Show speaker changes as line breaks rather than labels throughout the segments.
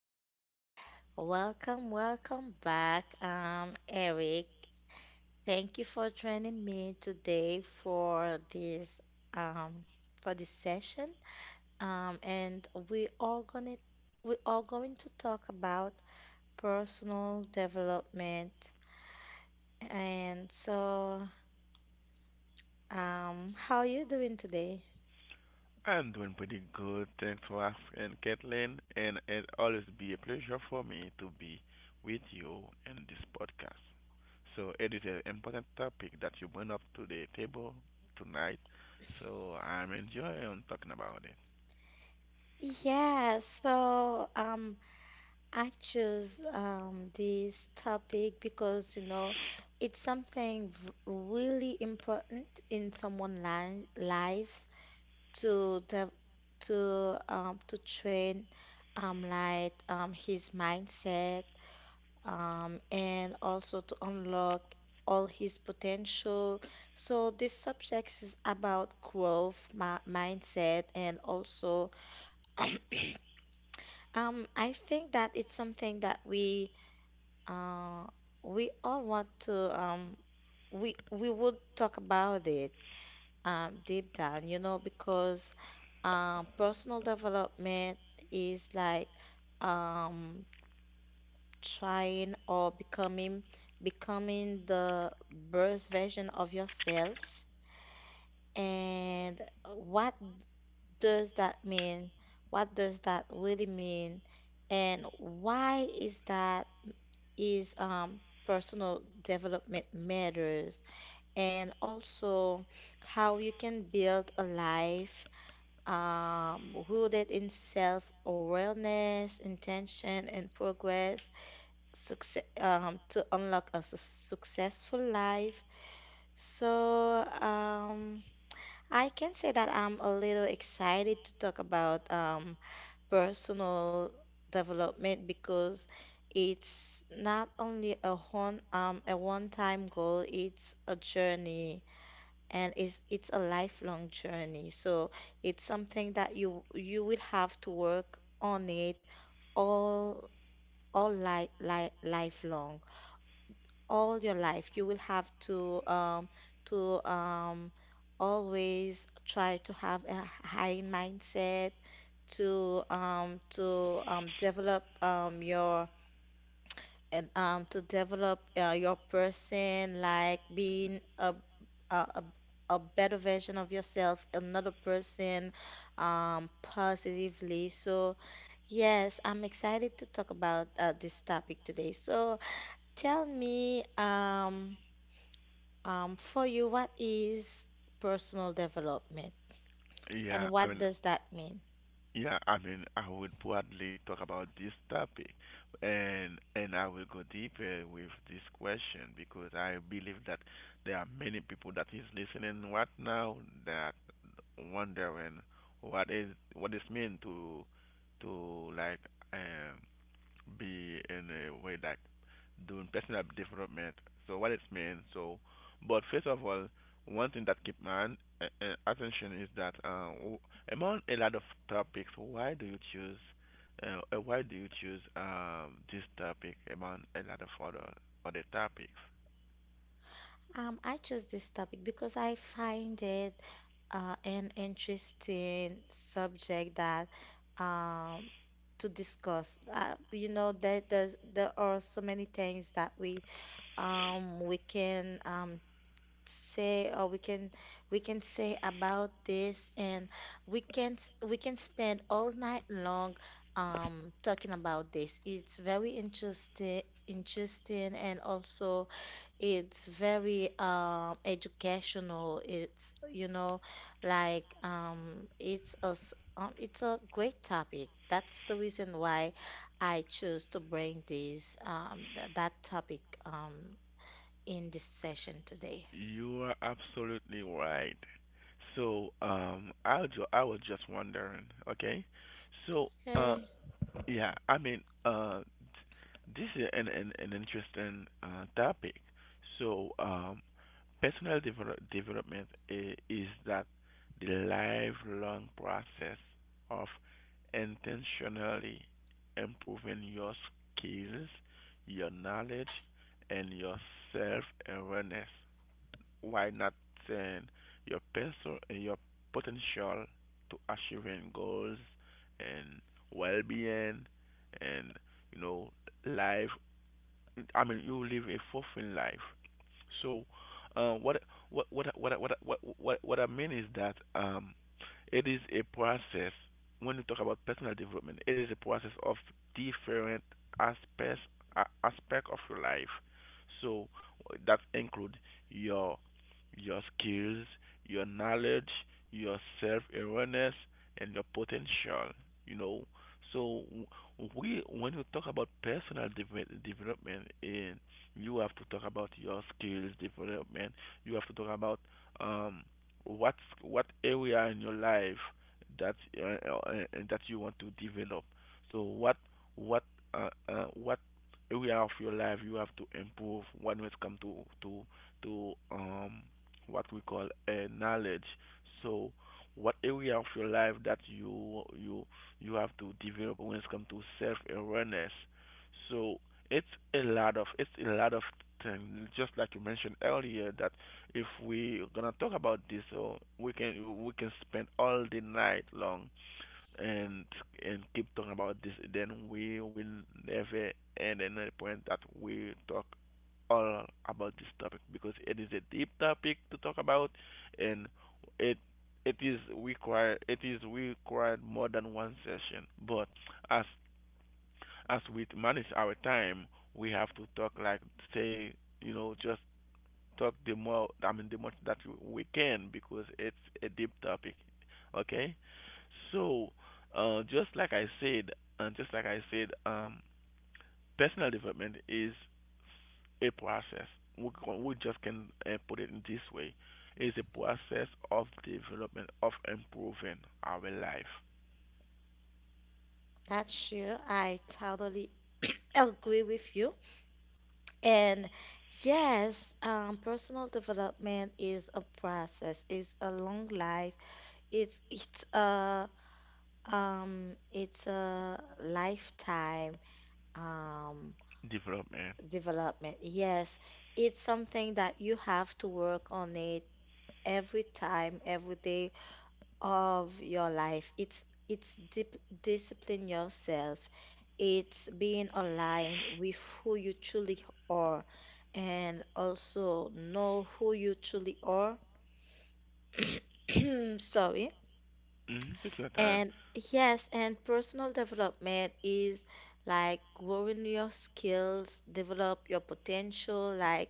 Okay, welcome, welcome back, Eric. Thank you for joining me today for um this session. And we are going to talk about personal development. And so, how are you doing today?
I'm doing pretty good. Thanks for asking, Kathleen. And it always be a pleasure for me to be with you in this podcast. So it is an important topic that you bring up to the table tonight. So I'm enjoying talking about it.
Yeah, I choose this topic because, you know, it's something really important in someone's li lives to the to train his mindset, and also to unlock all his potential. So this subject is about growth, mi mindset, and also I think that it's something that uh, we all want to we would talk about it deep down, you know, because personal development is like um trying or becoming the best version of yourself. And what does that mean? What does that really mean? And why is that is personal development matters, and also how you can build a life, rooted in self-awareness, intention, and progress success, to unlock a successful life. So I can say that I'm a little excited to talk about, personal development, because it's not only a one-time goal, it's a journey, and it's a lifelong journey. So it's something that you will have to work on it all all lifelong. All your life you will have to to um always try to have a high mindset to develop your, and to develop your person, like being a, a a better version of yourself, another person positively. So yes, I'm excited to talk about, this topic today. So tell me for you, what is personal development
Yeah,
and
I
what
mean,
does that mean?
Yeah, I mean, I would broadly talk about this topic, and I will go deeper with this question because I believe that there are many people that is listening right now that wondering what is this mean to like um be in a way like doing personal development. So what it means. So, but first of all, one thing that keep my attention is that among a lot of topics, why do you choose this topic among a lot of other topics?
I chose this topic because I find it, an interesting subject that, um, to discuss. You know that there are so many things that we can say or we can say about this, and we can spend all night long, talking about this. It's very interesting, interesting, and also. It's very educational. It's, you know, like it's a great topic. That's the reason why I chose to bring this th that topic in this session today.
You are absolutely right. So I was just wondering. Okay, so uh,
Okay,
yeah, I mean this is an interesting topic. So, personal develop development is that the lifelong process of intentionally improving your skills, your knowledge, and your self awareness. Why not saying your person, your potential to achieving goals and well being and you know life. I mean, you live a fulfilling life. So, uh, what what I mean is that it is a process. When you talk about personal development, it is a process of different aspects aspect of your life. So that include your skills, your knowledge, your self awareness, and your potential. You know, so when you talk about development, you have to talk about your skills development. You have to talk about um, what what area in your life that you want to develop. So what what area of your life you have to improve when it comes to to to what we call knowledge. So what area of your life that you have to develop when it comes to self awareness. So it's it's a lot of things. Just like you mentioned earlier, that if we're gonna talk about this, oh, we can spend all the night long and and keep talking about this, then we will never end in a point that we talk all about this topic because it is a deep topic to talk about, and it it is required more than one session. But as as we manage our time, we have to talk like, say, just talk the more. I mean the much that we can because it's a deep topic. Okay, so just like I said, and just like I said, um, personal development is a process. We just can put it in this way: it's a process of development of improving our life
that's you. I totally agree with you. And yes, personal development is a process. It's a long life. It's it's a it's a lifetime um
development.
development. Yes, it's something that you have to work on it every time, every day of your life. It's dip discipline yourself. It's being aligned with who you truly are, and also know who you truly are. Sorry.
Hmm. Take your time.
And yes, and personal development is like growing your skills, develop your potential, like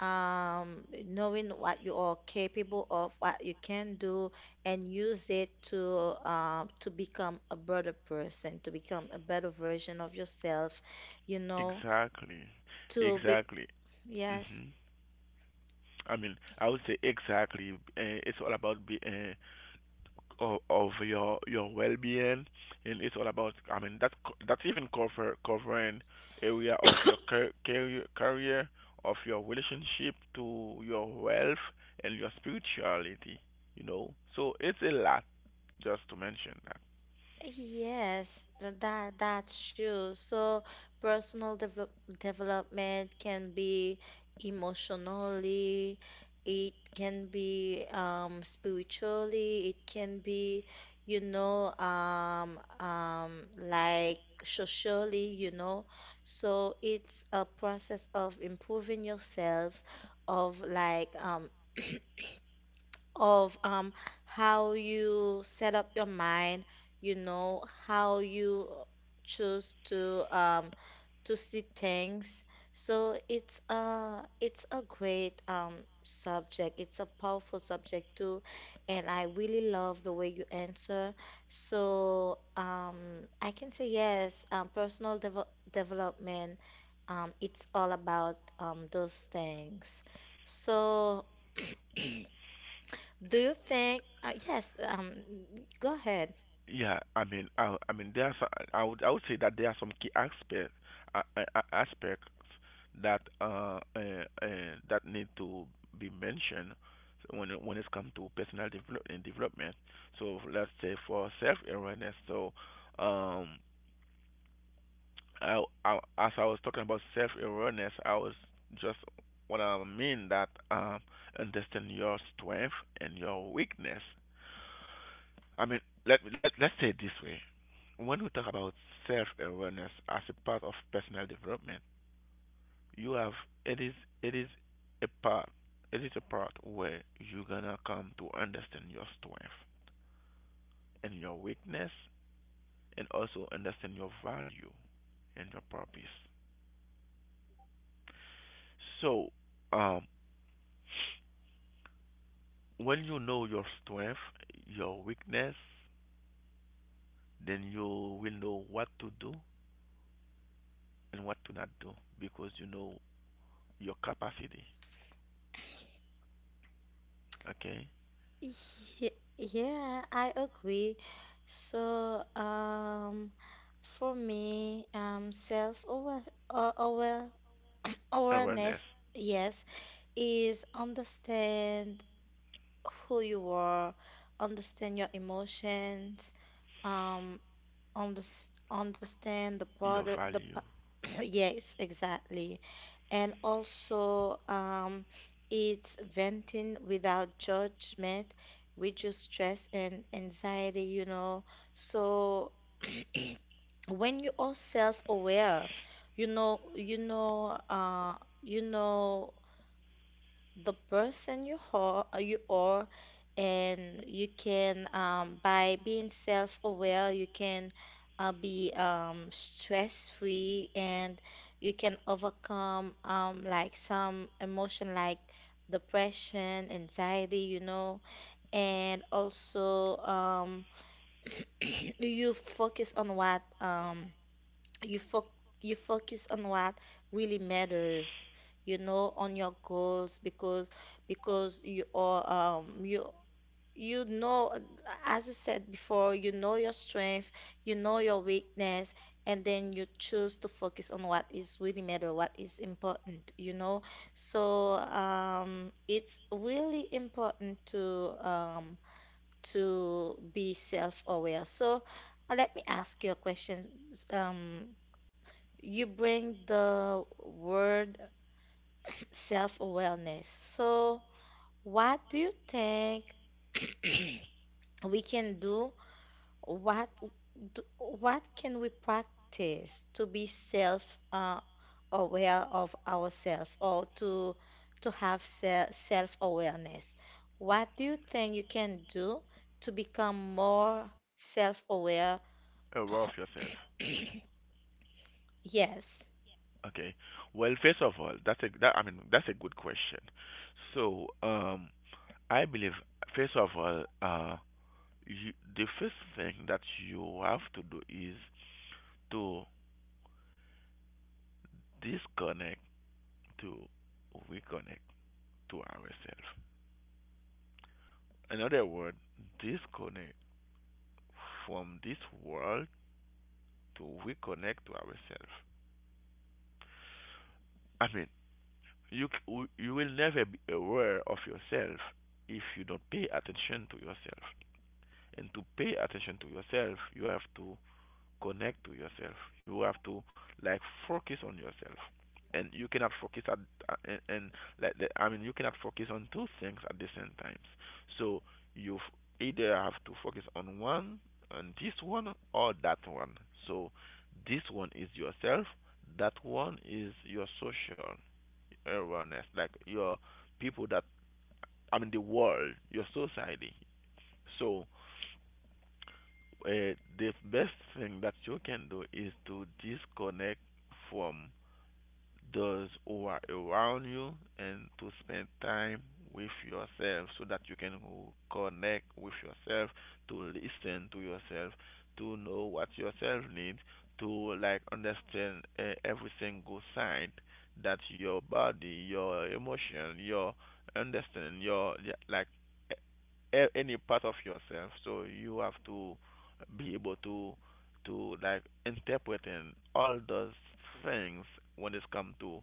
knowing what you are capable of, what you can do, and use it to, to become a better person, to become a better version of yourself, you know,
Exactly,
to be,
exactly.
yes.
Hmm. I mean, I would say exactly. It's all about of your well-being, and it's all about, I mean, that's that's even covering area of your career of your relationship to your wealth and your spirituality, so it's a lot just to mention.
Yes, that that's true. So personal development can be emotionally, it can be spiritually, it can be, you know, like socially, you know. So it's a process of improving yourself, of of how you set up your mind, you know, how you choose to, to see things. So it's a great, subject. It's a powerful subject too, and I really love the way you answer. So I can say yes, personal development. It's all about, those things. So. Do you think, yes, go ahead.
Yeah, I mean, there are I would say that there are some key aspects that need to be mentioned when it's come to personal development. So let's say for self awareness. So um, as I was talking about self awareness, I was just what I mean that understand your strength and your weakness. I mean, let's say it this way. When we talk about self-awareness as a part of personal development, you have, it is, it is a part, it is a part where you're gonna come to understand your strength and your weakness and also understand your value and your purpose. So, um, when you know your strength, your weakness, then you will know what to do and what to not do because you know your capacity. Okay?
Ye- Yeah, I agree. So, for me,
Awareness,
awareness, yes, is understand who you are, understand your emotions, um, understand the part
your
the
value,
Yes, exactly. And also, it's venting without judgment, reduce stress and anxiety, you know. So when you are self-aware, you know, you know the person you are, and you can by being self-aware you can, be stress-free, and you can overcome like some emotion like depression anxiety, you know, and also you focus on what you fo- you focus on what really matters, you know, on your goals, because you are you you know, as you said before, you know your strength, you know your weakness, and then you choose to focus on what is really matter, what is important, you know. So it's really important to be self-aware. So, let me ask you a question, um, you bring the word self-awareness. So, what do you think we can do? What what can we practice to be self, aware of ourselves, or to have self-awareness? What do you think you can do to become more
aware
self-aware?
of yourself.
Yes.
Okay. Well, first of all, that's a that I mean that's a good question. So, I believe first of all, the first thing that you have to do is to disconnect, to reconnect to ourselves. In other words, disconnect from this world to reconnect to ourselves. I mean, You will never be aware of yourself if you don't pay attention to yourself. And to pay attention to yourself, you have to connect to yourself. You have to, like, focus on yourself, and you cannot focus at uh, and, and I mean you cannot focus on two things at the same time. So you either have to focus on one, on this one or that one. So this one is yourself, that one is your social awareness, like your people that, I mean, the world, your society. So the best thing that you can do is to disconnect from those who are around you and to spend time with yourself so that you can connect with yourself, to listen to yourself, to know what yourself needs, to, like, understand every single sign that your body, your emotion, your understanding, your, yeah, like any part of yourself. So you have to be able to, like, interpreting all those things when it's come to,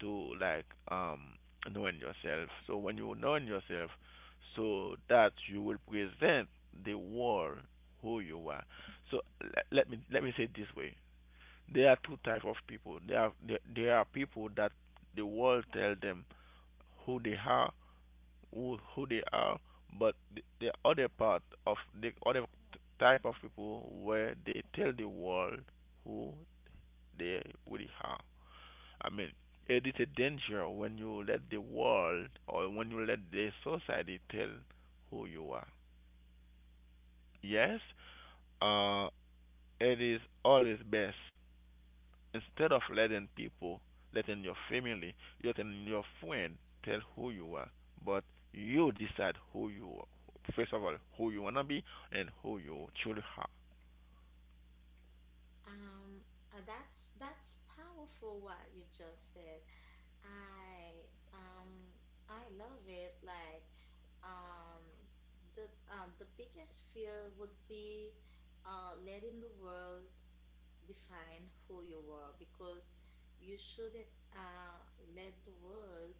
to like um knowing yourself. So when you knowing yourself, so that you will present the world who you are. So let me say it this way: there are two type of people. There are people that the world tell them who they are, who who they are, but the other part of the other type of people where they tell the world who they really are. I mean, it is a danger when you let the world or when you let the society tell who you are. Yes, uh, it is always best. Instead of letting people, letting your family, letting your friend tell who you are, but you decide who you are. First of all, who you wanna be and who you truly are.
Um, that's powerful what you just said. I um I love it. Like um the the biggest fear would be letting the world define who you are, because you shouldn't let the world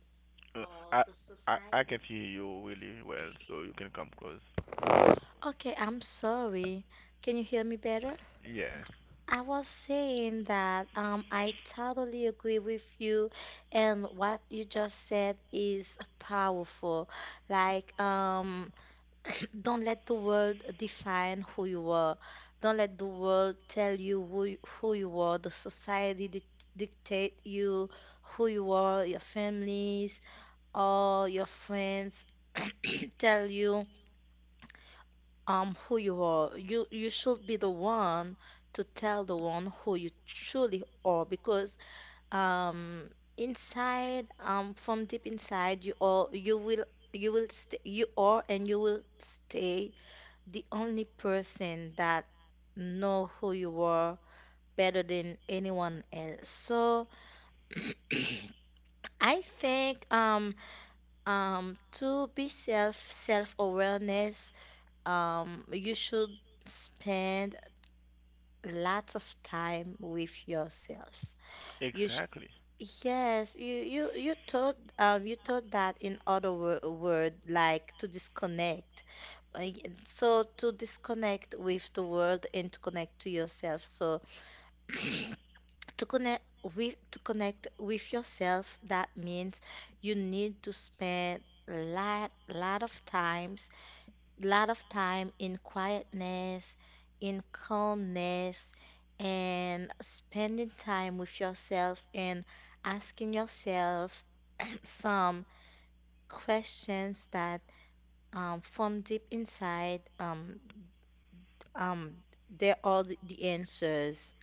Uh,
or
I,
the
I can
society.
hear you really well, so you can come close.
Okay, I'm sorry. Can you hear me better?
Yes,
I was saying that I totally agree with you, and what you just said is powerful. Like, don't let the world define who you are. Don't let the world tell you who, who you are. The society dictate you who you are. Your families or your friends tell you who you are. You should be the one to tell the one who you truly are, because um inside from deep inside you will stay you are, and you will stay the only person that know who you were better than anyone else. So I think to be self awareness you should spend lots of time with yourself. You sh
exactly.
yes you thought that in other wo word, like to disconnect. Uh, y- So to disconnect with the world and to connect to yourself. So to connect to connect with yourself that means you need to spend lot of times, lot of time in quietness, in calmness, and spending time with yourself, and asking yourself some questions that from deep inside um, they're all the answers.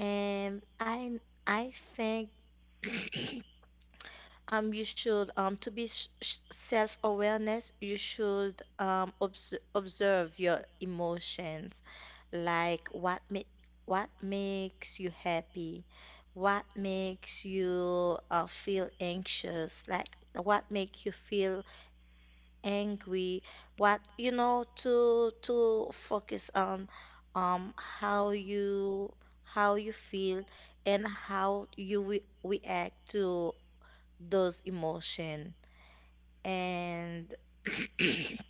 And I think you should to be sh sh self-awareness, you should observe your emotions, like what makes you happy, what makes you feel anxious, like what make you feel angry, what, you know, to focus on um how you how you feel and how you re react to those emotion, and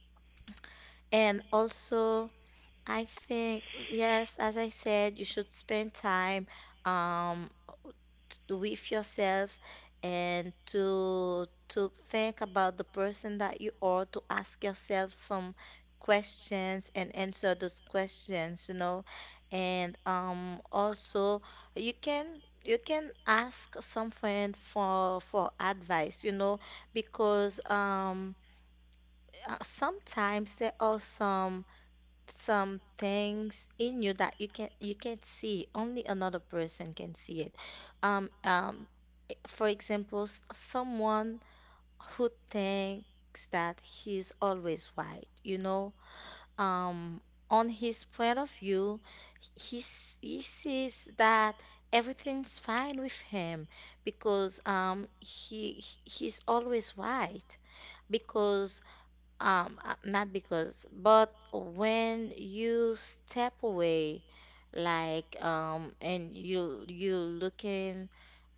and also I think yes, as I said, you should spend time um with yourself, and to think about the person that you are, to ask yourself some questions and answer those questions, you know. And also you can you can ask some friend for advice, you know, because sometimes there are some things in you that you can't see. Only another person can see it. Um, um, for example, someone who thinks that he's always right, you know, um, on his point of view, he sees that everything's fine with him, because he's always right. Because not because, but when you step away, like and you looking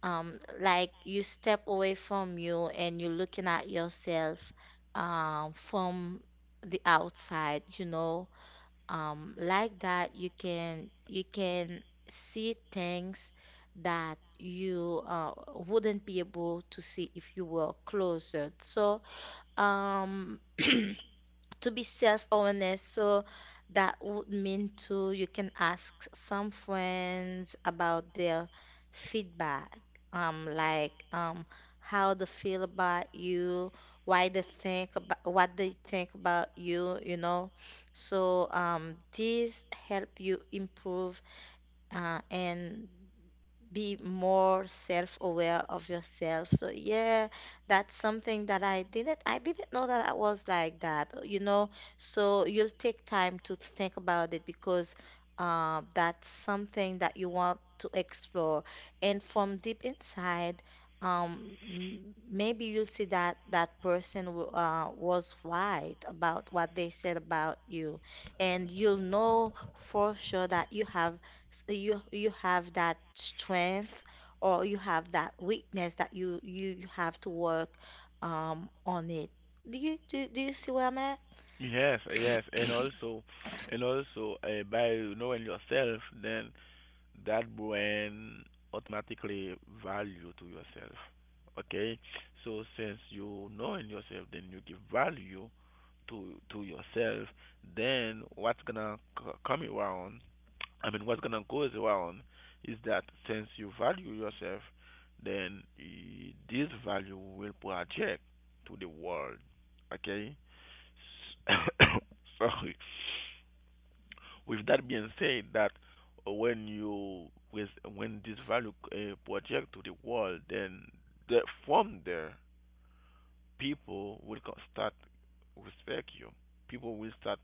like you step away from you, and you're looking at yourself from the outside, you know, like that you can see things that you wouldn't be able to see if you were closer. So um to be self awareness, so that would mean to you can ask some friends about their feedback, like how they feel about you, why they think about what they think about you, you know. So this help you improve, and be more self-aware of yourself. So yeah, that's something that I didn't know that I was like that, you know. So you'll take time to think about it, because that's something that you want to explore. And from deep inside, maybe you'll see that that person was right about what they said about you, and you'll know for sure that you have you have that strength, or you have that weakness that you have to work on it. Do you see where I'm at?
Yes, yes, and also, by knowing yourself, then that brain automatically value to yourself. Okay, so since you knowing yourself, then you give value to yourself. Then what's gonna come around, I mean what's gonna goes around, is that since you value yourself, then this value will project to the world. Okay. S- sorry. With that being said, that when you with, when this value project to the world, then the, from there people will start respect you. People will start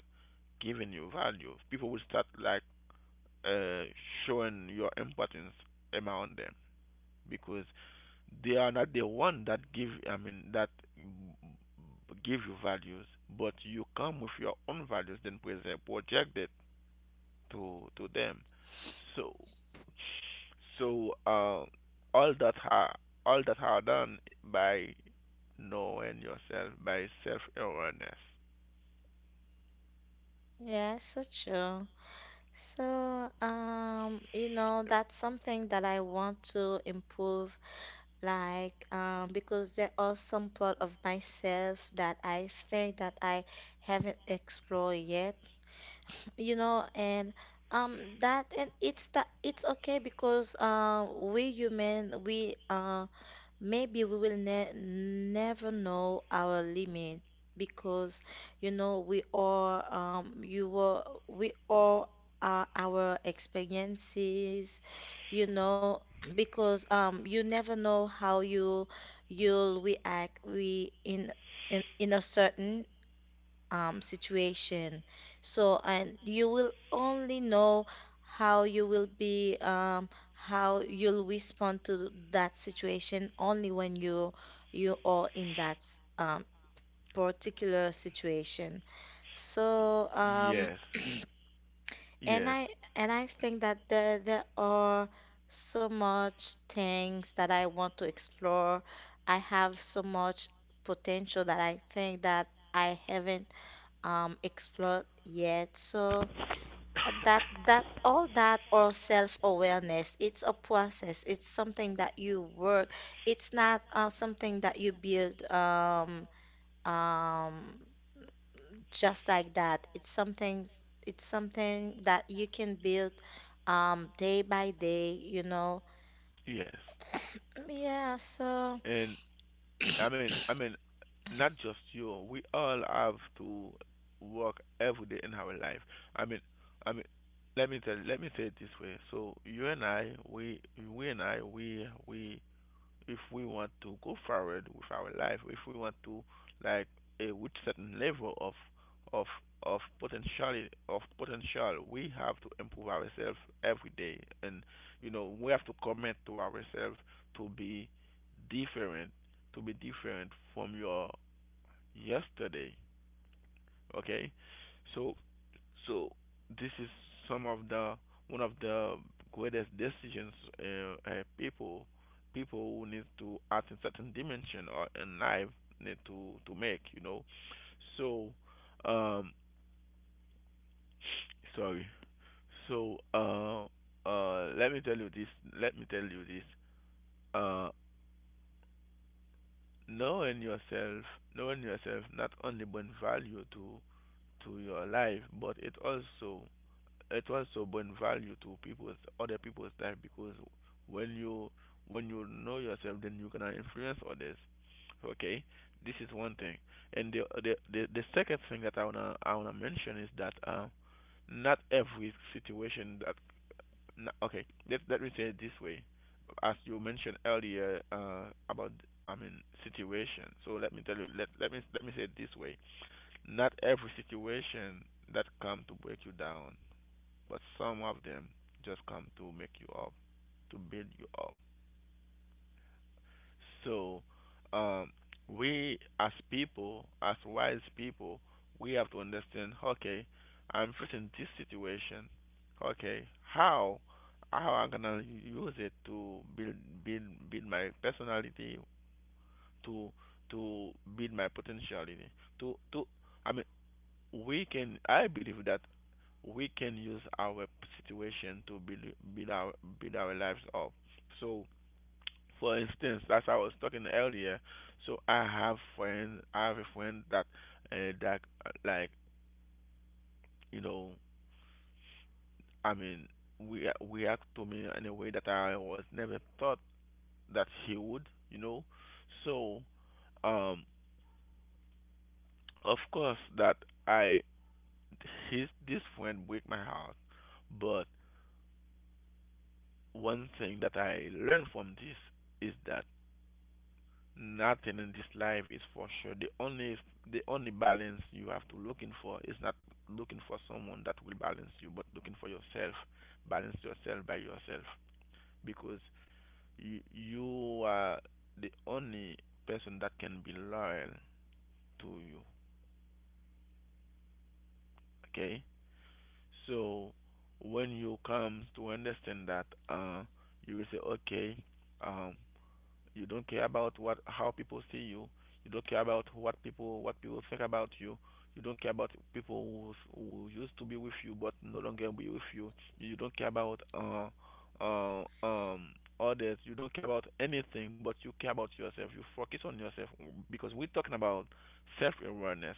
giving you value. People will start, like, uh, showing your importance among them because they are not the one that give, I mean that give you values, but you come with your own values, then present project it to them. So so uh, all that are all that are done by knowing yourself, by self awareness.
Yeah, so true. So, you know, that's something that I want to improve, like, because there are some part of myself that I think that I haven't explored yet. You know and that and it's that it's okay because we human, we maybe we will ne never know our limit because we all you were we all are our experiences you know because you never know how you'll react we in a certain situation. And you will only know how you will be, how you'll respond to that situation only when you are in that um, particular situation. So, um,
Yes,
and
yes,
I and I think that there are so much things that I want to explore. I have so much potential that I think that I haven't explored yet. So that that all that or self-awareness, it's a process. It's something that you work. It's not something that you build um, just like that. It's something that you can build day by day.
yes.
Yeah, so
And I mean, not just you. We all have to work every day in our life. I mean, I mean, let me say it this way. So you and I, we and I, we, we, if we want to go forward with our life, if we want to, like, a with certain level of of potential we have to improve ourselves every day, and we have to commit to ourselves to be different, from your yesterday. Okay, so so this is some of the one of the greatest decisions uh, uh, people people who need to act in certain dimension or in life need to make. You know, so um, sorry. So let me tell you this. Let me tell you this. Uh, knowing yourself, knowing yourself, not only bring value to your life, but it also bring value to people's other people's life because when you when you know yourself, then you can influence others. Okay, this is one thing. And the second thing that I want to mention is that not every situation that n okay let me say it this way. As you mentioned earlier about, I mean, situation. So let me say it this way: not every situation that come to break you down, but some of them just come to make you up, to build you up. So um, we as people, as wise people, we have to understand. Okay, I'm facing this situation. Okay, how I'm gonna use it to build build my personality, to to build my potentiality, to I mean we can I believe that we can use our situation to build build our build our lives up. So, for instance, as I was talking earlier, so I have a friend that uh, that uh, like you know, I mean, we react to me in a way that I was never thought that he would, So, um, of course that I his this friend break my heart, but one thing that I learned from this is that nothing in this life is for sure. The only balance you have to looking for is not looking for someone that will balance you, but looking for yourself. Balance yourself by yourself because you are the only person that can be loyal to you. Okay, so when you come to understand that, you will say, okay, um, you don't care about what how people see you. You don't care about what people think about you. You don't care about people who used to be with you but no longer be with you. You don't care about uh, um others. You don't care about anything, but you care about yourself. You focus on yourself because we're talking about self-awareness.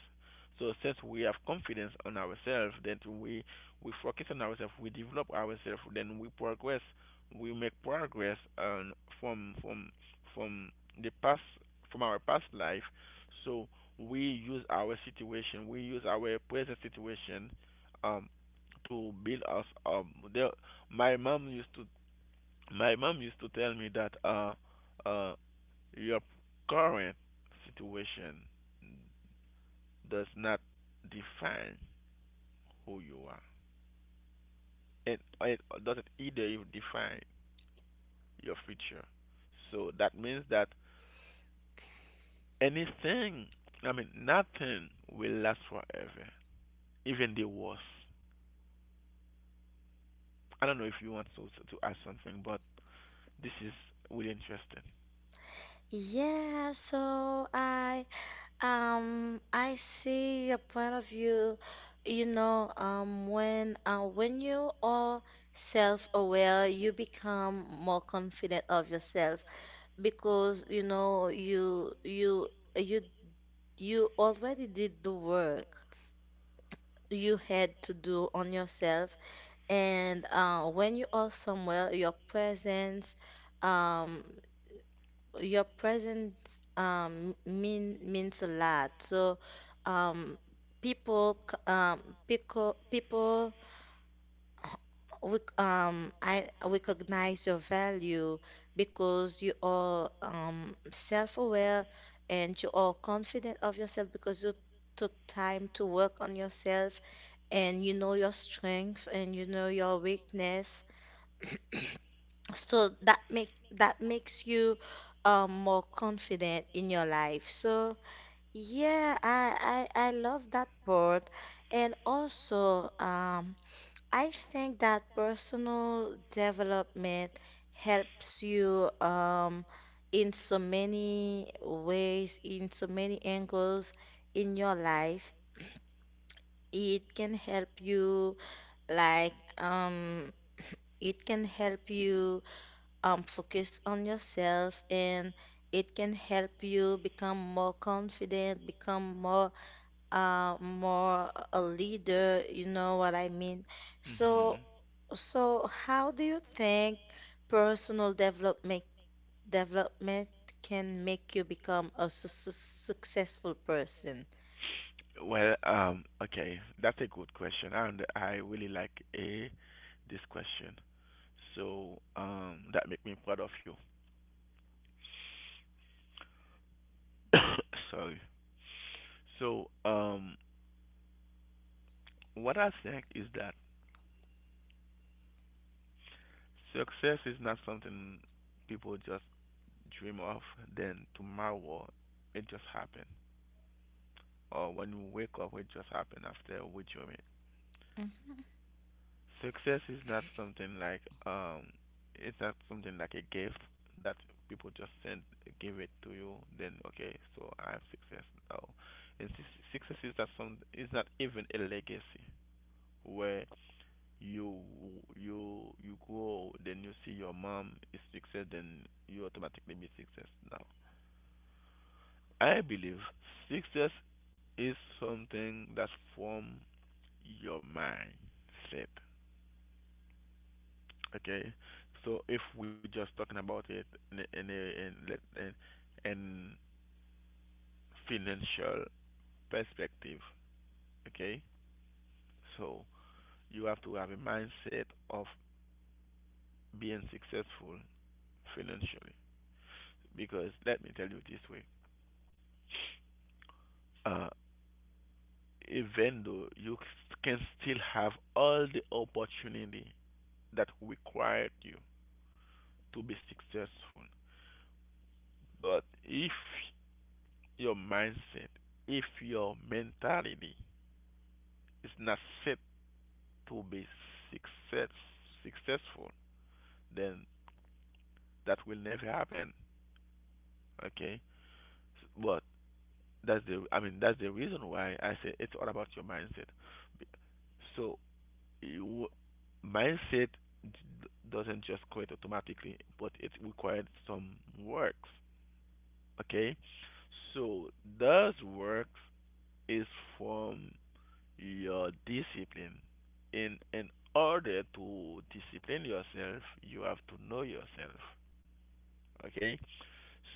So since we have confidence on ourselves, then we focus on ourselves, we develop ourselves, then we make progress from from from the past, from our past life. So we use our situation we use our present situation um to build us there My mom used to my mom used to tell me that uh your current situation does not define who you are, and it doesn't either even define your future. So that means that anything, nothing will last forever, even the worst. I don't know if you want to, add something, but this is really interesting.
yeah, so I see your point of view. You know, when you are self-aware, you become more confident of yourself because you know you you already did the work you had to do on yourself. And when you are somewhere, your presence. Um, your presence means a lot. So um people c- people people rec- I recognize your value because you are self-aware, and you are confident of yourself because you took time to work on yourself, and you know your strength and you know your weakness. So that makes you more confident in your life. So, yeah, I love that part. And also, I think that personal development helps you in so many ways, in so many angles in your life. It can help you like um it can help you focus on yourself, and it can help you become more confident, become more a leader, you know what I mean? So so how do you think personal development development can make you become a successful person?
Hmm. Well, okay, that's a good question, and I really like a this question. So, that make me proud of you. Sorry. So, what I think is that success is not something people just dream of, then tomorrow it just happened. Or when you wake up, it just happened after we dream it.
Mhm.
Success is not something like it's not something like a gift that people just send give it to you. Then okay, so I have success now. And success is not some is not even a legacy where you you go, then you see your mom is success, then you automatically be success now. I believe success is something that form your mindset. Okay, so if we just talking about it in a, in a, in, let- in financial perspective, okay, so you have to have a mindset of being successful financially because let me tell you this way. Uh, even though you can still have all the opportunity that required you to be successful. But if your mindset, if your mentality is not set to be success, successful, then that will never happen. Okay, but that's the that's the reason why I say it's all about your mindset. So you, mindset doesn't just create automatically, but it requires some works. Okay, so those works is from your discipline. In order to discipline yourself, you have to know yourself. Okay?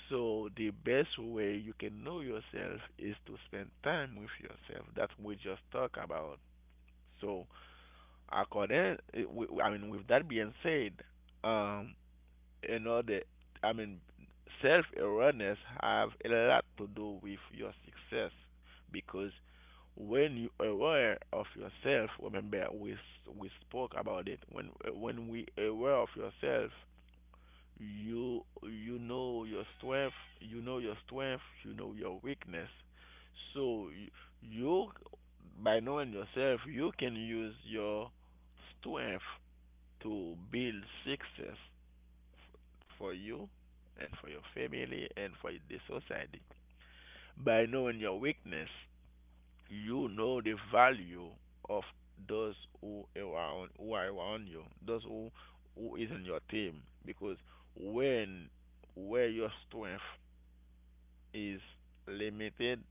So the best way you can know yourself is to spend time with yourself. That's what we just talked about. So according, eh, I mean, with that being said, um, you know the i mean self awareness have a lot to do with your success because when you aware of yourself remember we spoke about it when we aware of yourself, you know your strength, you know your weakness. So you by knowing yourself you can use your strength to build success for you and for your family and for the society. By knowing your weakness, you know the value of those who are around, those who is in your team. Because when where your strength is limited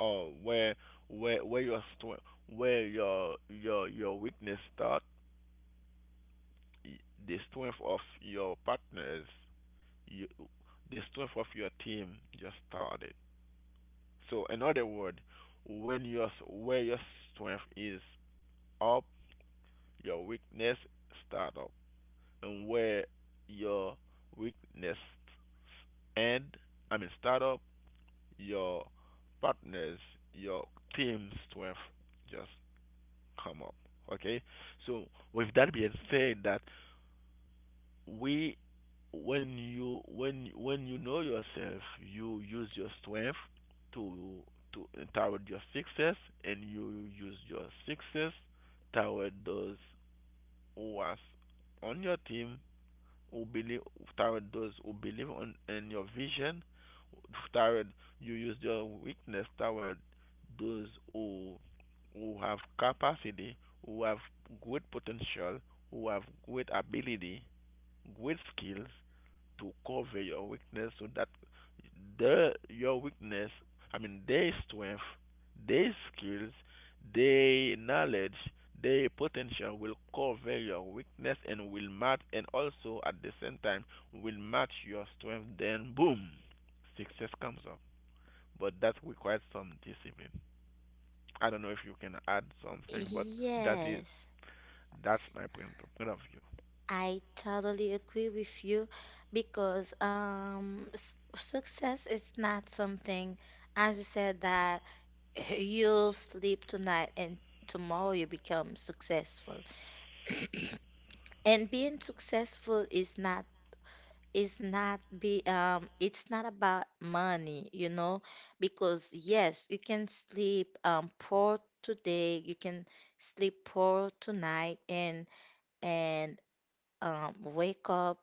or where where your strength where your weakness start, the strength of your partners you, the strength of your team just started. So, in other words, when your where your strength is up, your weakness start up, and where your weakness end, I mean start up, your partners, your team strength just come up. Okay. So, with that being said, that we when you know yourself, you use your strength to to toward your success, and you use your success toward those who are on your team, who believe toward those who believe on in your vision. Toward you use your weakness toward those who have capacity, who have great potential, who have great ability, great skills, to cover your weakness so that the your weakness I mean their strength, their skills, their knowledge, their potential will cover your weakness and will match, and also at the same time will match your strength, then boom, success comes up. But that requires some discipline. I don't know if you can add something, but that is
Yes,
that's my point of view.
I totally agree with you because s success is not something, as you said, that you sleep tonight and tomorrow you become successful. And being successful is not be it's not about money, you know, because yes, you can sleep poor today, you can sleep poor tonight, and wake up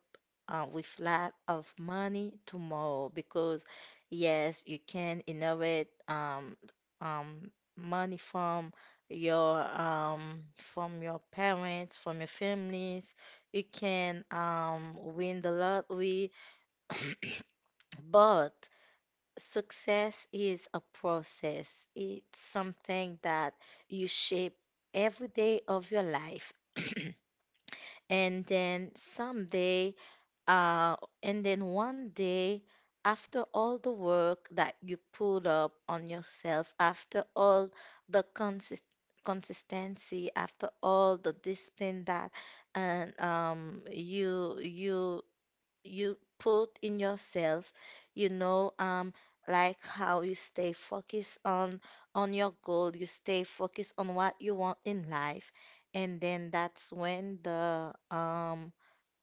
with lot of money tomorrow, because yes, you can inherit um, money from your parents, from your families. You can win the lottery, but success is a process. It's something that you shape every day of your life. And then someday Uh, and then one day, after all the work that you put up on yourself, after all the consistency, after all the discipline that and you put in yourself, you know, like how you stay focused on your goal, you stay focused on what you want in life, and then that's when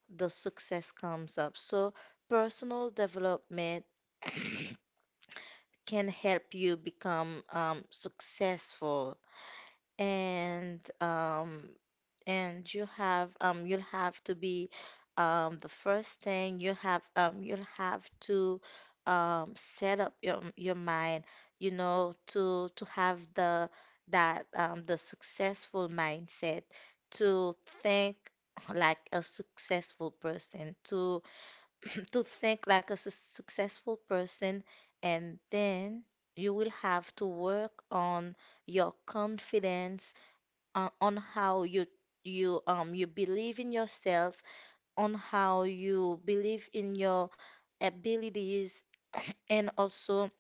the success comes up. So personal development can help you become successful. And and you'll have to be the first thing, you'll have to set up your mind, you know, to have the successful mindset, to think like a successful person to to think like a successful person. And then you will have to work on your confidence, on how you believe in yourself, on how you believe in your abilities, and also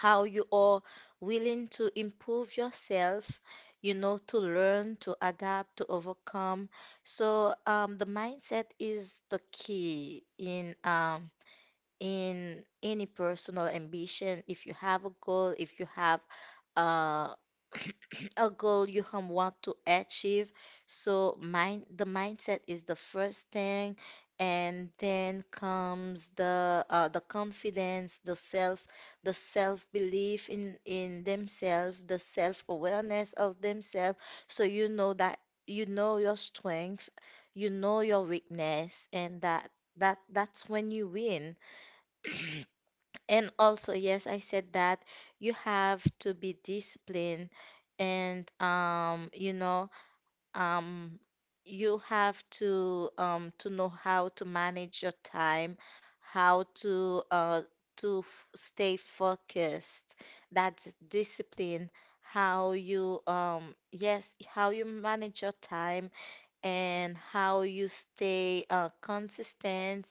how you are willing to improve yourself. You know, to learn, to adapt, to overcome. So, the mindset is the key in any personal ambition, if you have a goal, if you have uh, a goal you want to achieve. So mind the mindset is the first thing, and then comes the confidence, the self belief in themselves, the self awareness of themselves. So you know that you know your strength, you know your weakness, and that's when you win. And also, yes, I said that you have to be disciplined, and you know, um, you have to know how to manage your time, how to to f stay focused. That's discipline. How you Yes, how you manage your time and how you stay consistent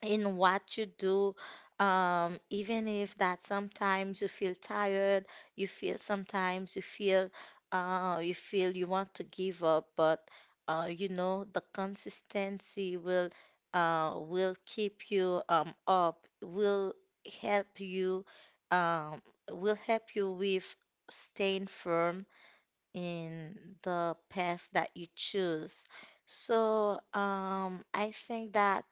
in what you do, even if that sometimes you feel tired, you feel you want to give up, but you know the consistency will, keep you up, help you um, will help you with staying firm in the path that you choose. So, I think that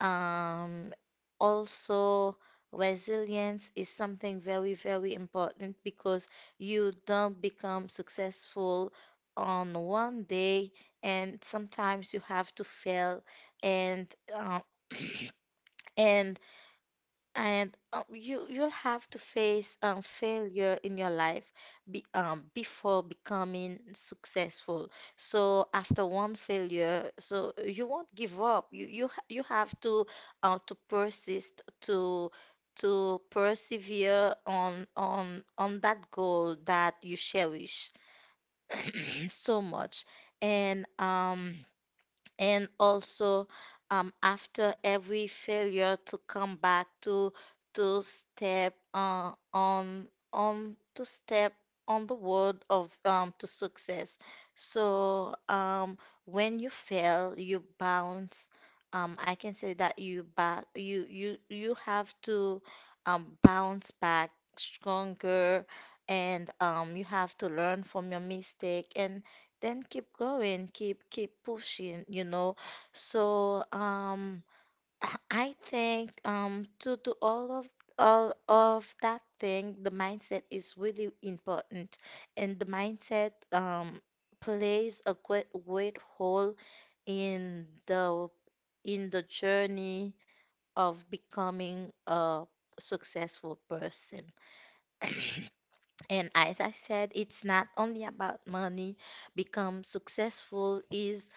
um, also resilience is something very, very important, because you don't become successful on one day, and sometimes you have to fail, and uh, and and you'll have to face failure in your life before becoming successful. So after one failure, so you won't give up. You have to persist to persevere on that goal that you cherish so much. And um and also, after every failure, to come back to step, on to step on the road of to success. So when you fail, you bounce I can say that, you have to bounce back stronger, and you have to learn from your mistake and then keep going, keep pushing, you know. So I think, to all of that thing, the mindset is really important, and the mindset plays a great role in the in the journey of becoming a successful person. And as I said, it's not only about money. Become successful is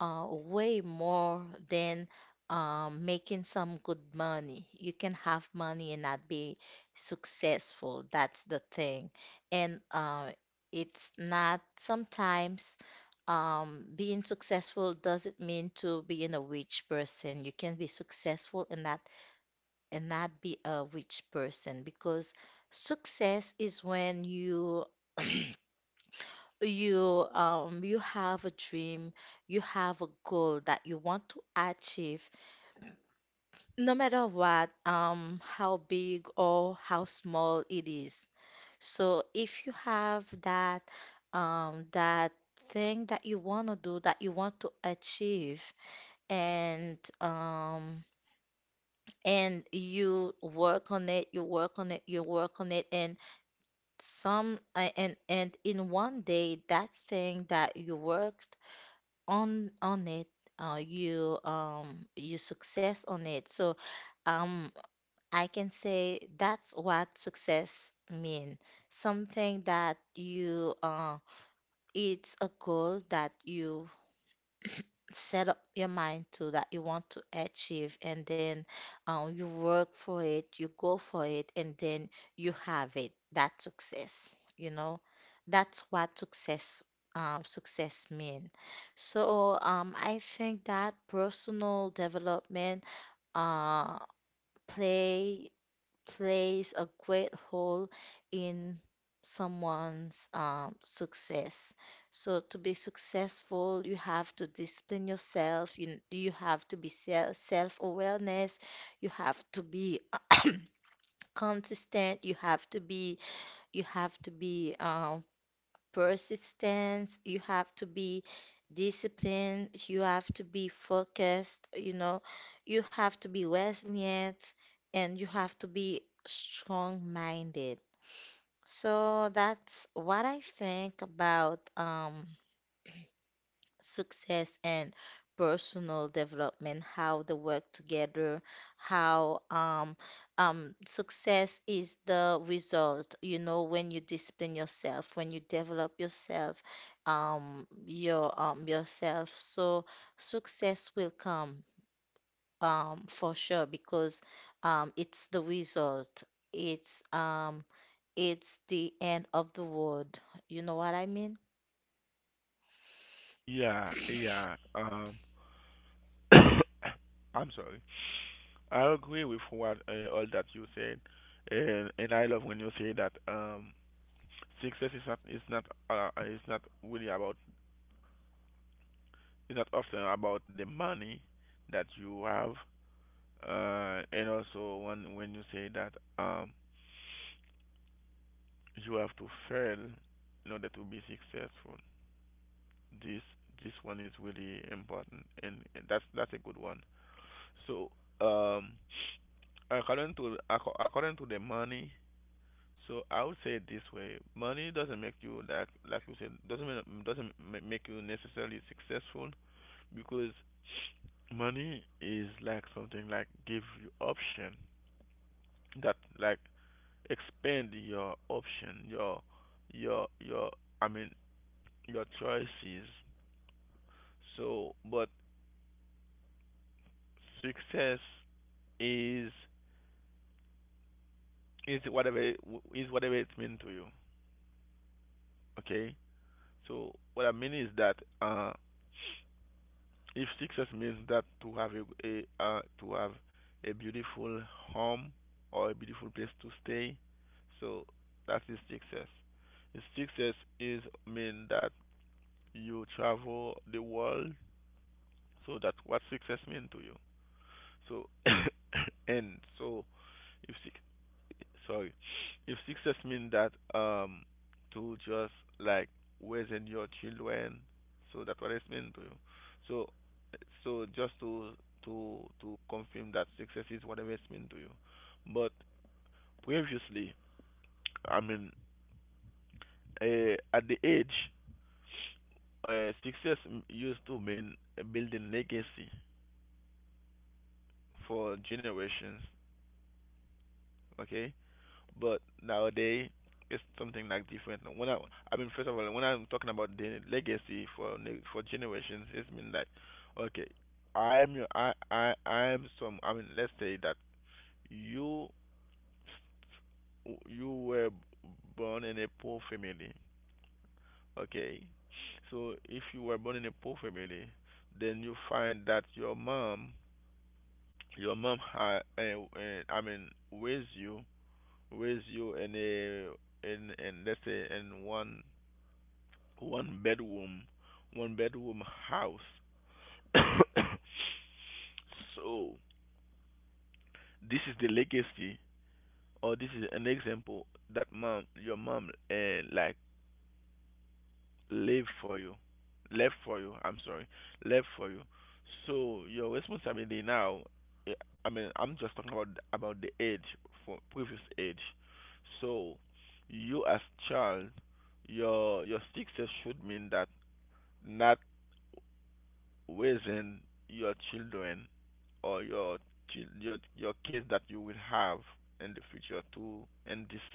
way more than making some good money. You can have money and not be successful. That's the thing. And it's not sometimes being successful doesn't mean to being a rich person. You can be successful and not, be a rich person, because success is when you have a dream, you have a goal that you want to achieve, no matter what, how big or how small it is. So if you have that that thing that you want to do, that you want to achieve, and um and you work on it, you work on it, you work on it, and some a- and in one day that thing that you worked on it, you success on it. So um I can say that's what success mean, something that you it's a goal that you set up your mind to, that you want to achieve, and then, you work for it, you go for it, and then you have it, that success, you know, that's what success, mean. So I think that personal development, uh, play plays a great role in someone's success. So to be successful, you have to discipline yourself. You have to be self awareness. You have to be consistent. You have to be persistence, you have to be disciplined, you have to be focused, you know, you have to be resilient, and you have to be strong-minded. So that's what I think about success and personal development, how they work together, how success is the result. You know, when you discipline yourself, when you develop yourself, yourself, so success will come for sure, because it's the result. It's um, it's the end of the world. You know what I mean?
Yeah, yeah. I'm sorry. I agree with what all that you said, and I love when you say that success is not is not is not really about it's not often about the money that you have, and also when you say that um, you have to fail in order to be successful. This this one is really important, and that's a good one. So um, according to according to the money, so I would say it this way: money doesn't make you like you said doesn't mean, doesn't ma- make you necessarily successful because money is like something like give you option that like expand your option, your I mean your choices. So but success is is whatever it- is whatever it means to you. Okay, so what I mean is that uh, if success means that to have a to have a beautiful home or a beautiful place to stay, so that is success. The success is mean that you travel the world, so that's what success mean to you. So and so if suc- sorry, if success means that um to just like raising your children, so that's what it's mean to you. So so just to confirm that success is whatever it's mean to you. But previously, I mean, at the age, success used to mean building legacy for generations. Okay, but nowadays it's something like different. When first of all, when I'm talking about the legacy for for generations, it's mean like, okay, I am your, I am some. I mean, let's say that you, you were born in a poor family, okay. So if you were born in a poor family, then you find that your mom, I mean, raised you raise you in a in in let's say in one bedroom one bedroom house. So this is the legacy or this is an example that mom your mom live for you, left for you. I'm sorry, left for you. So your responsibility now, eh, I'm just talking about the age for previous age. So you as child, your success should mean that not raising your children or your your kids that you will have in the future too in this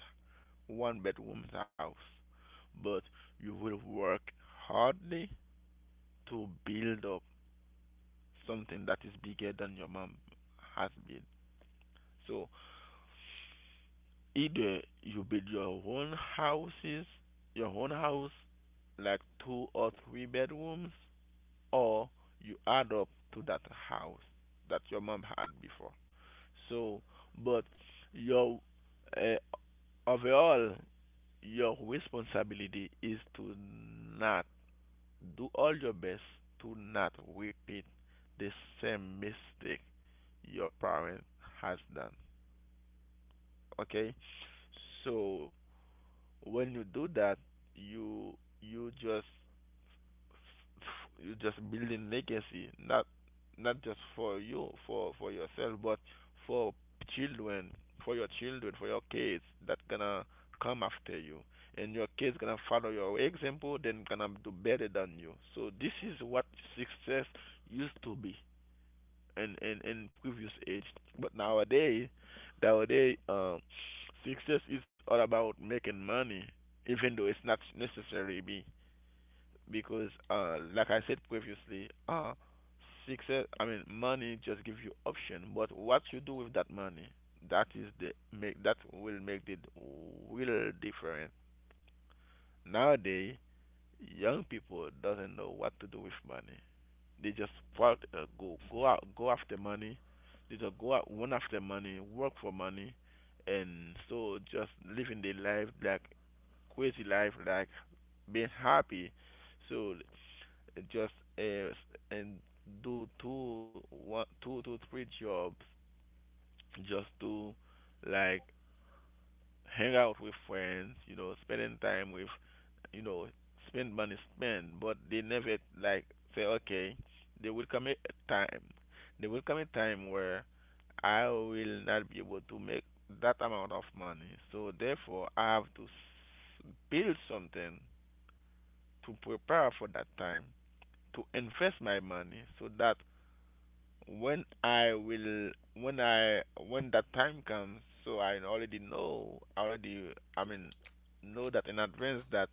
one bedroom house, but you will work hardly to build up something that is bigger than your mom has built. So either you build your your own house, like two or three bedrooms, or you add up to that house that your mom had before. So, but your uh, overall, your responsibility is to not do all your best to not repeat the same mistake your parent has done. Okay? So when you do that, you you just you just building legacy, not not just for you, for yourself, but for children, children, for your kids that gonna come after you, and your kids gonna follow your example, then gonna do better than you. So this is what success used to be in previous age. But nowadays, nowadays, success is all about making money, even though it's not necessarily be because, like I said previously, success. I mean, money just gives you option, but what you do with that money, that is the make that will make the real difference. Nowadays, young people doesn't know what to do with money. They just part, go out, go after money. They just go out, run after money, work for money, and so just living their life like crazy life, like being happy. So just uh, and do two to three jobs just to like hang out with friends, spending time with, you know, spend money, spend, but they never like say, okay, there will come a time, there will come a time where I will not be able to make that amount of money, so therefore I have to s- build something to prepare for that time, to invest my money so that when I will when I when that time comes, so I already know, I already know that in advance that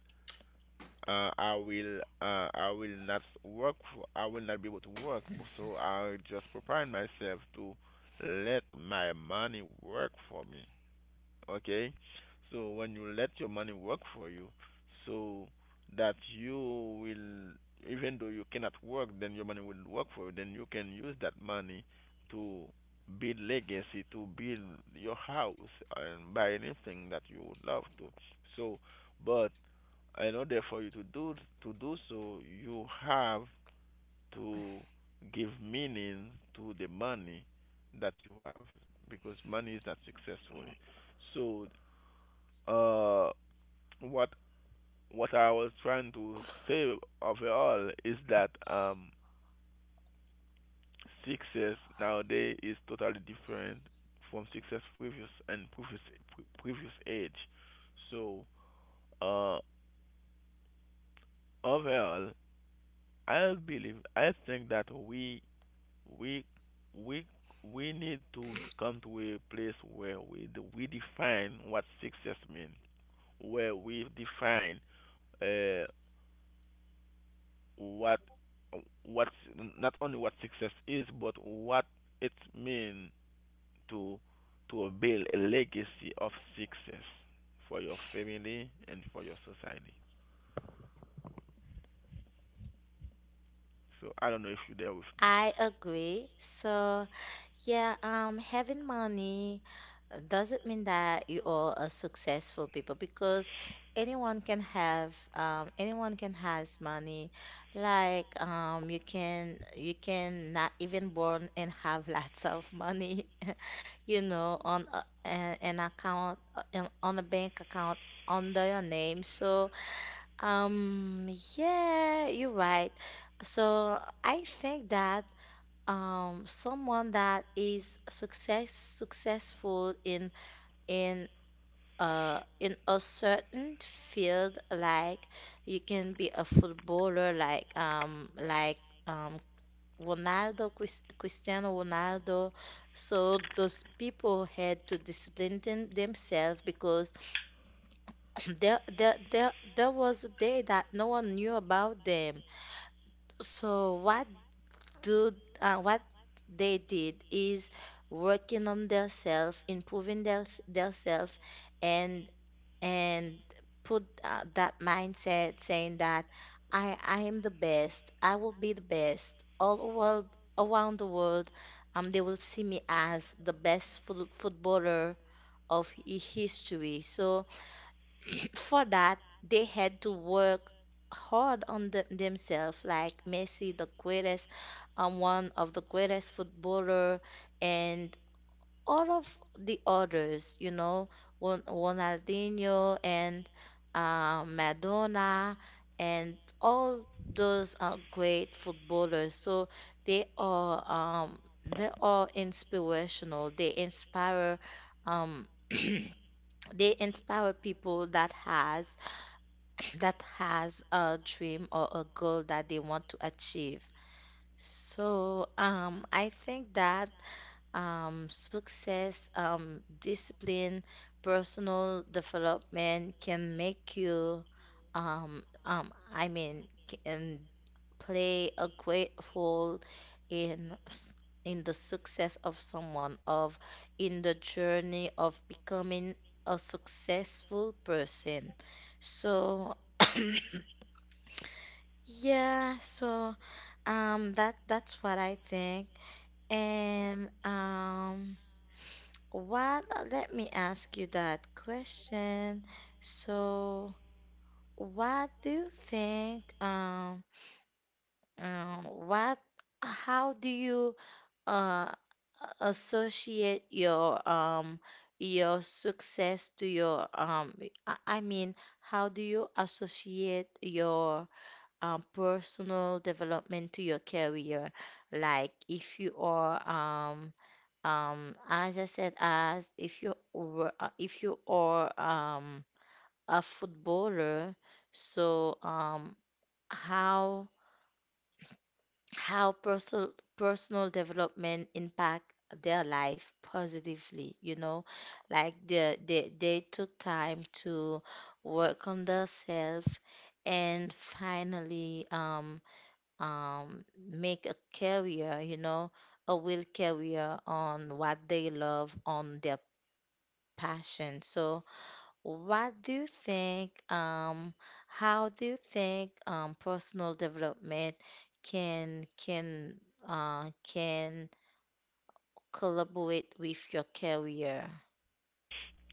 I will not work for, I will not be able to work, so I just preparing myself to let my money work for me. Okay, so when you let your money work for you, so that you will, even though you cannot work, then your money will work for you, then you can use that money to build legacy, to build your house and buy anything that you would love to. So but in order for you to do, to do so, you have to give meaning to the money that you have because money is not successful. So uh, what what I was trying to say overall is that success nowadays is totally different from success previous and previous age. So uh, overall, I think that we we we need to come to a place where we define what success means, where we define uh, what what's not only what success is, but what it means to to build a legacy of success for your family and for your society. So I don't know if you're there with me.
I agree. So. Yeah, having money doesn't mean that you all are successful people, because anyone can has money. Like you can not even born and have lots of money, you know, on a, an account, on a bank account under your name. So um, yeah, you're right. So I think that someone that is successful in in a certain field, like you can be a footballer, like um Ronaldo Chris, Cristiano Ronaldo. So those people had to discipline themselves, because there was a day that no one knew about them. So do what they did is working on themselves, improving their themselves, and and put that mindset, saying that I am the best, I will be the best, all world around the world. They will see me as the best footballer of history. So for that, they had to work hard on themselves, like Messi, the greatest, one of the greatest footballer, and all of the others, you know, Ronaldinho and Madonna and all those are great footballers. So they are um, they are inspirational. They inspire they inspire people that has a dream or a goal that they want to achieve. So, I think that success, discipline, personal development can make you, um, um, I mean, can play a great role in s- in the success of someone, of in the journey of becoming a successful person. So, yeah, so that's what I think. And what let me ask you that question. So what do you think um what how do you uh associate your success to your I mean how do you associate your personal development to your career. Like if you are, as I said, as if you were, if you are a footballer, so how how personal personal development impact their life positively, you know, like they took time to work on themselves and finally um, make a career, you know, a will career on what they love, on their passion. So, what do you think? How do you think personal development can can can collaborate with your career?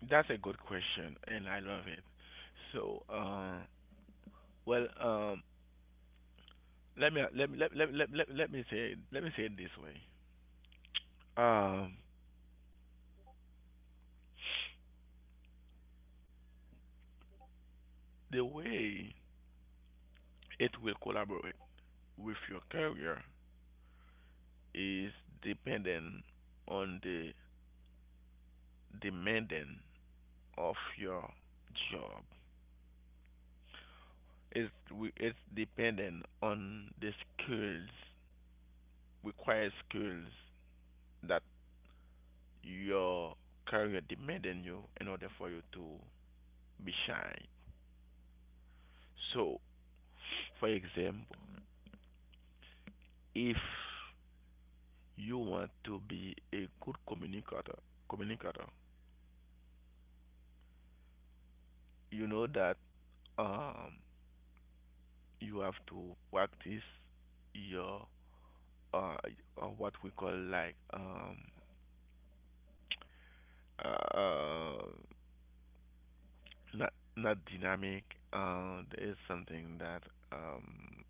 That's a good question, and I love it. So, well, um, let me say it, let me say it this way. Um, the way it will collaborate with your career is dependent on the demanding of your job. It's dependent on the skills, required skills that your career demanding you in order for you to be shine. So, for example, if you want to be a good communicator, you know that um you have to practice your uh, what we call like uh, um, not not dynamic. There is something that um,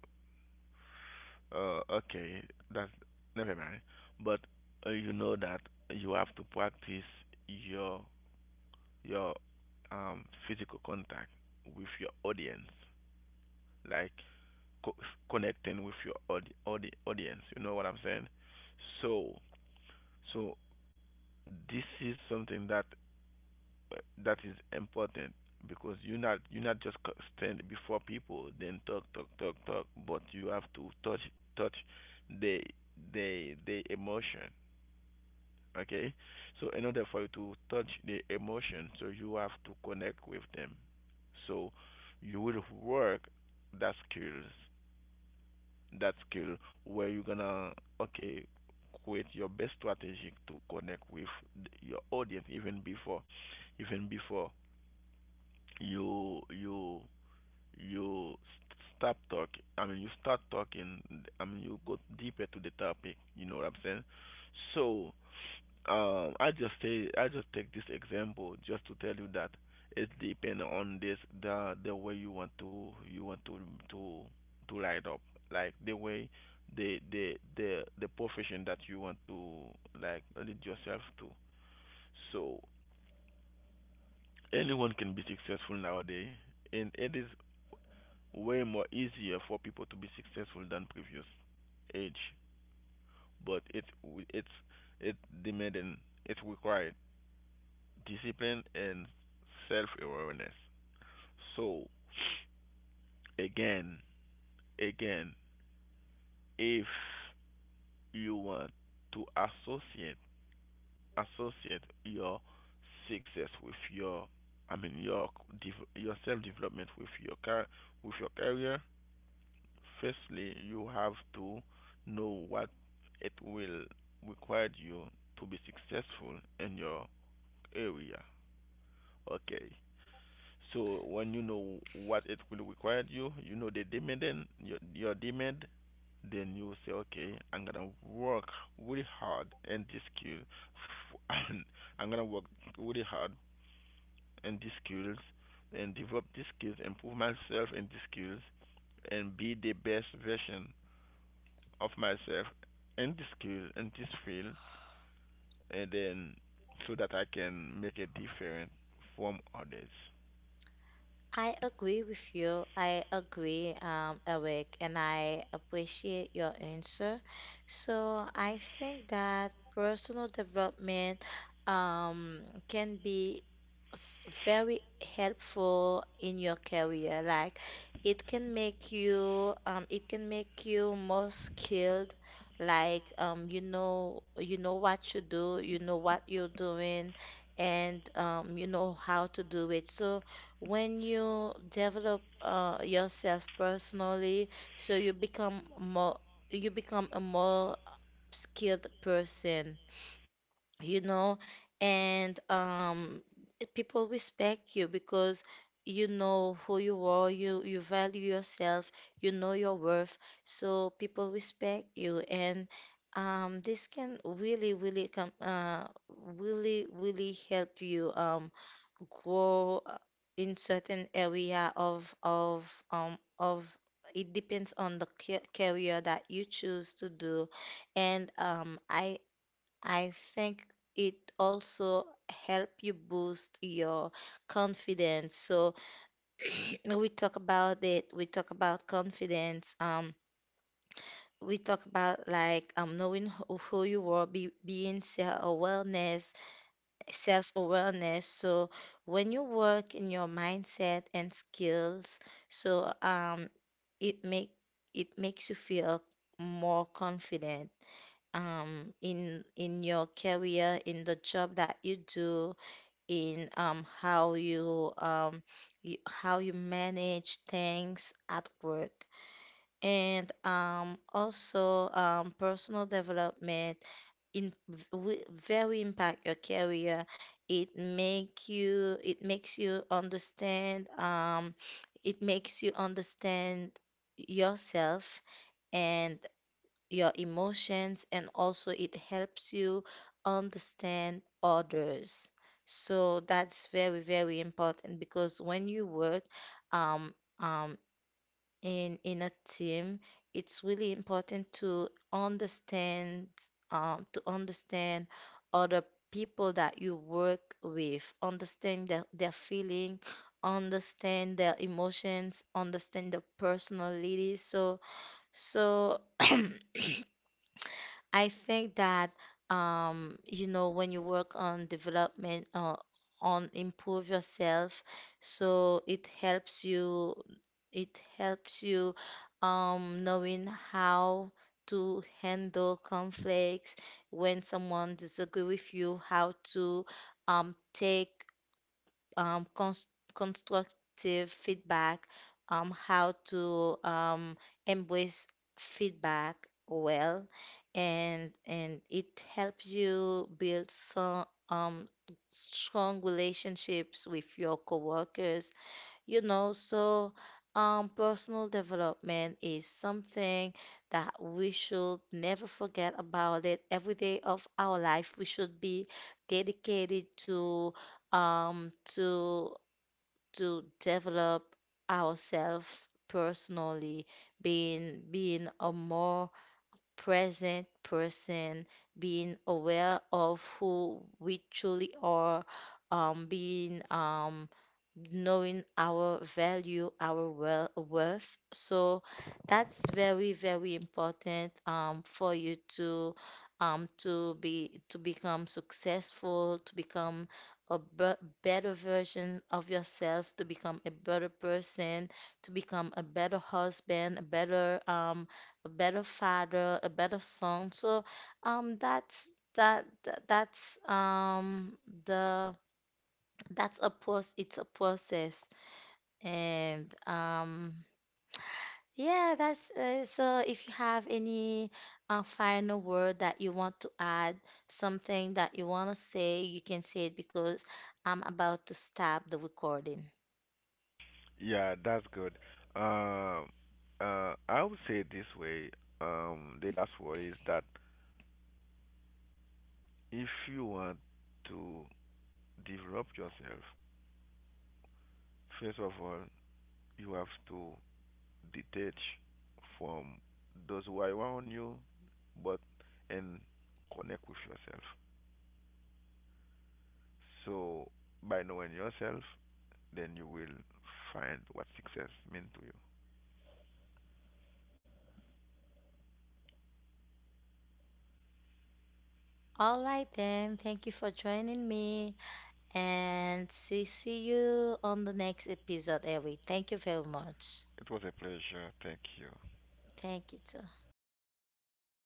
okay, that's never mind. But you know that you have to practice your your physical contact with your audience, like co- connecting with your audience. You know what I'm saying? So so this is something that that is important because you're not just stand before people then talk talk talk talk, but you have to touch touch the the emotion. Okay, so in order for you to touch the emotion, so you have to connect with them. So you will work that skills that skill where you're gonna okay create your best strategy to connect with your audience even before you you you st- stop talking. I mean, you start talking. I mean, you go deeper to the topic. You know what I'm saying? So, I just take this example just to tell you that it depends on this the way you want to to light up, like the way the profession that you want to like lead yourself to. So anyone can be successful nowadays, and it is way more easier for people to be successful than previous age, but it's it demanding, it required discipline and self-awareness. So again again, if you want to associate your success with your, I mean your self-development with your car with your career, firstly you have to know what it will require you to be successful in your area. Okay, so when you know what it will require you, you know the demand and your demand, then you say okay, I'm gonna work really hard in this skill, and I'm gonna work really hard in these skills and develop these skills, improve myself in these skills, and be the best version of myself in this skill, in this field, and then so that I can make a difference from others.
I agree with you. I agree, Eric, and I appreciate your answer. So I think that personal development um, can be very helpful in your career. Like it can make you more skilled. Like you know what you do, you know what you're doing, and you know how to do it. So when you develop yourself personally, so you become a more skilled person you know, and people respect you because you know who you are, you value yourself, you know your worth, so people respect you, and this can really, really really, really help you grow in certain area of it depends on the career that you choose to do and I think it also help you boost your confidence. So now we talk about it. We talk about confidence. We talk about like knowing who you are, being self-awareness, self-awareness. So when you work in your mindset and skills, so it make it makes you feel more confident in your career in the job that you do in how you manage things at work. And also personal development very impact your career. It makes you understand it makes you understand yourself and your emotions and also it helps you understand others. So that's very, very important because when you work um, um, in a team, it's really important to understand other people that you work with, understand their feeling, understand their emotions, understand their personalities. So so I think that you know when you work on development on improve yourself, so it helps you knowing how to handle conflicts when someone disagree with you, how to take um, cons constructive feedback, how to embrace feedback well, and it helps you build some strong relationships with your coworkers you know, so personal development is something that we should never forget about it. Every day of our life, we should be dedicated to um, to to develop ourselves personally, being a more present person, being aware of who we truly are, being knowing our value, our worth. So that's very, very important for you to be to become successful, to become a better version of yourself, to become a better person, to become a better husband, a better father, a better son. So that's that that- that's the that's a post it's a process and yeah that's so if you have any final word that you want to add something that you want to say you can say it because I'm about to stop the recording.
Yeah, that's good. Um, I would say it this way. The last word is that if you want to develop yourself, first of all, you have to detach from those who are around you, but and connect with yourself. So by knowing yourself, then you will find what success means to you.
All right then, thank you for joining me. And see you on the next episode, Ellie. Thank you very much.
It was a pleasure. Thank you.
Thank you.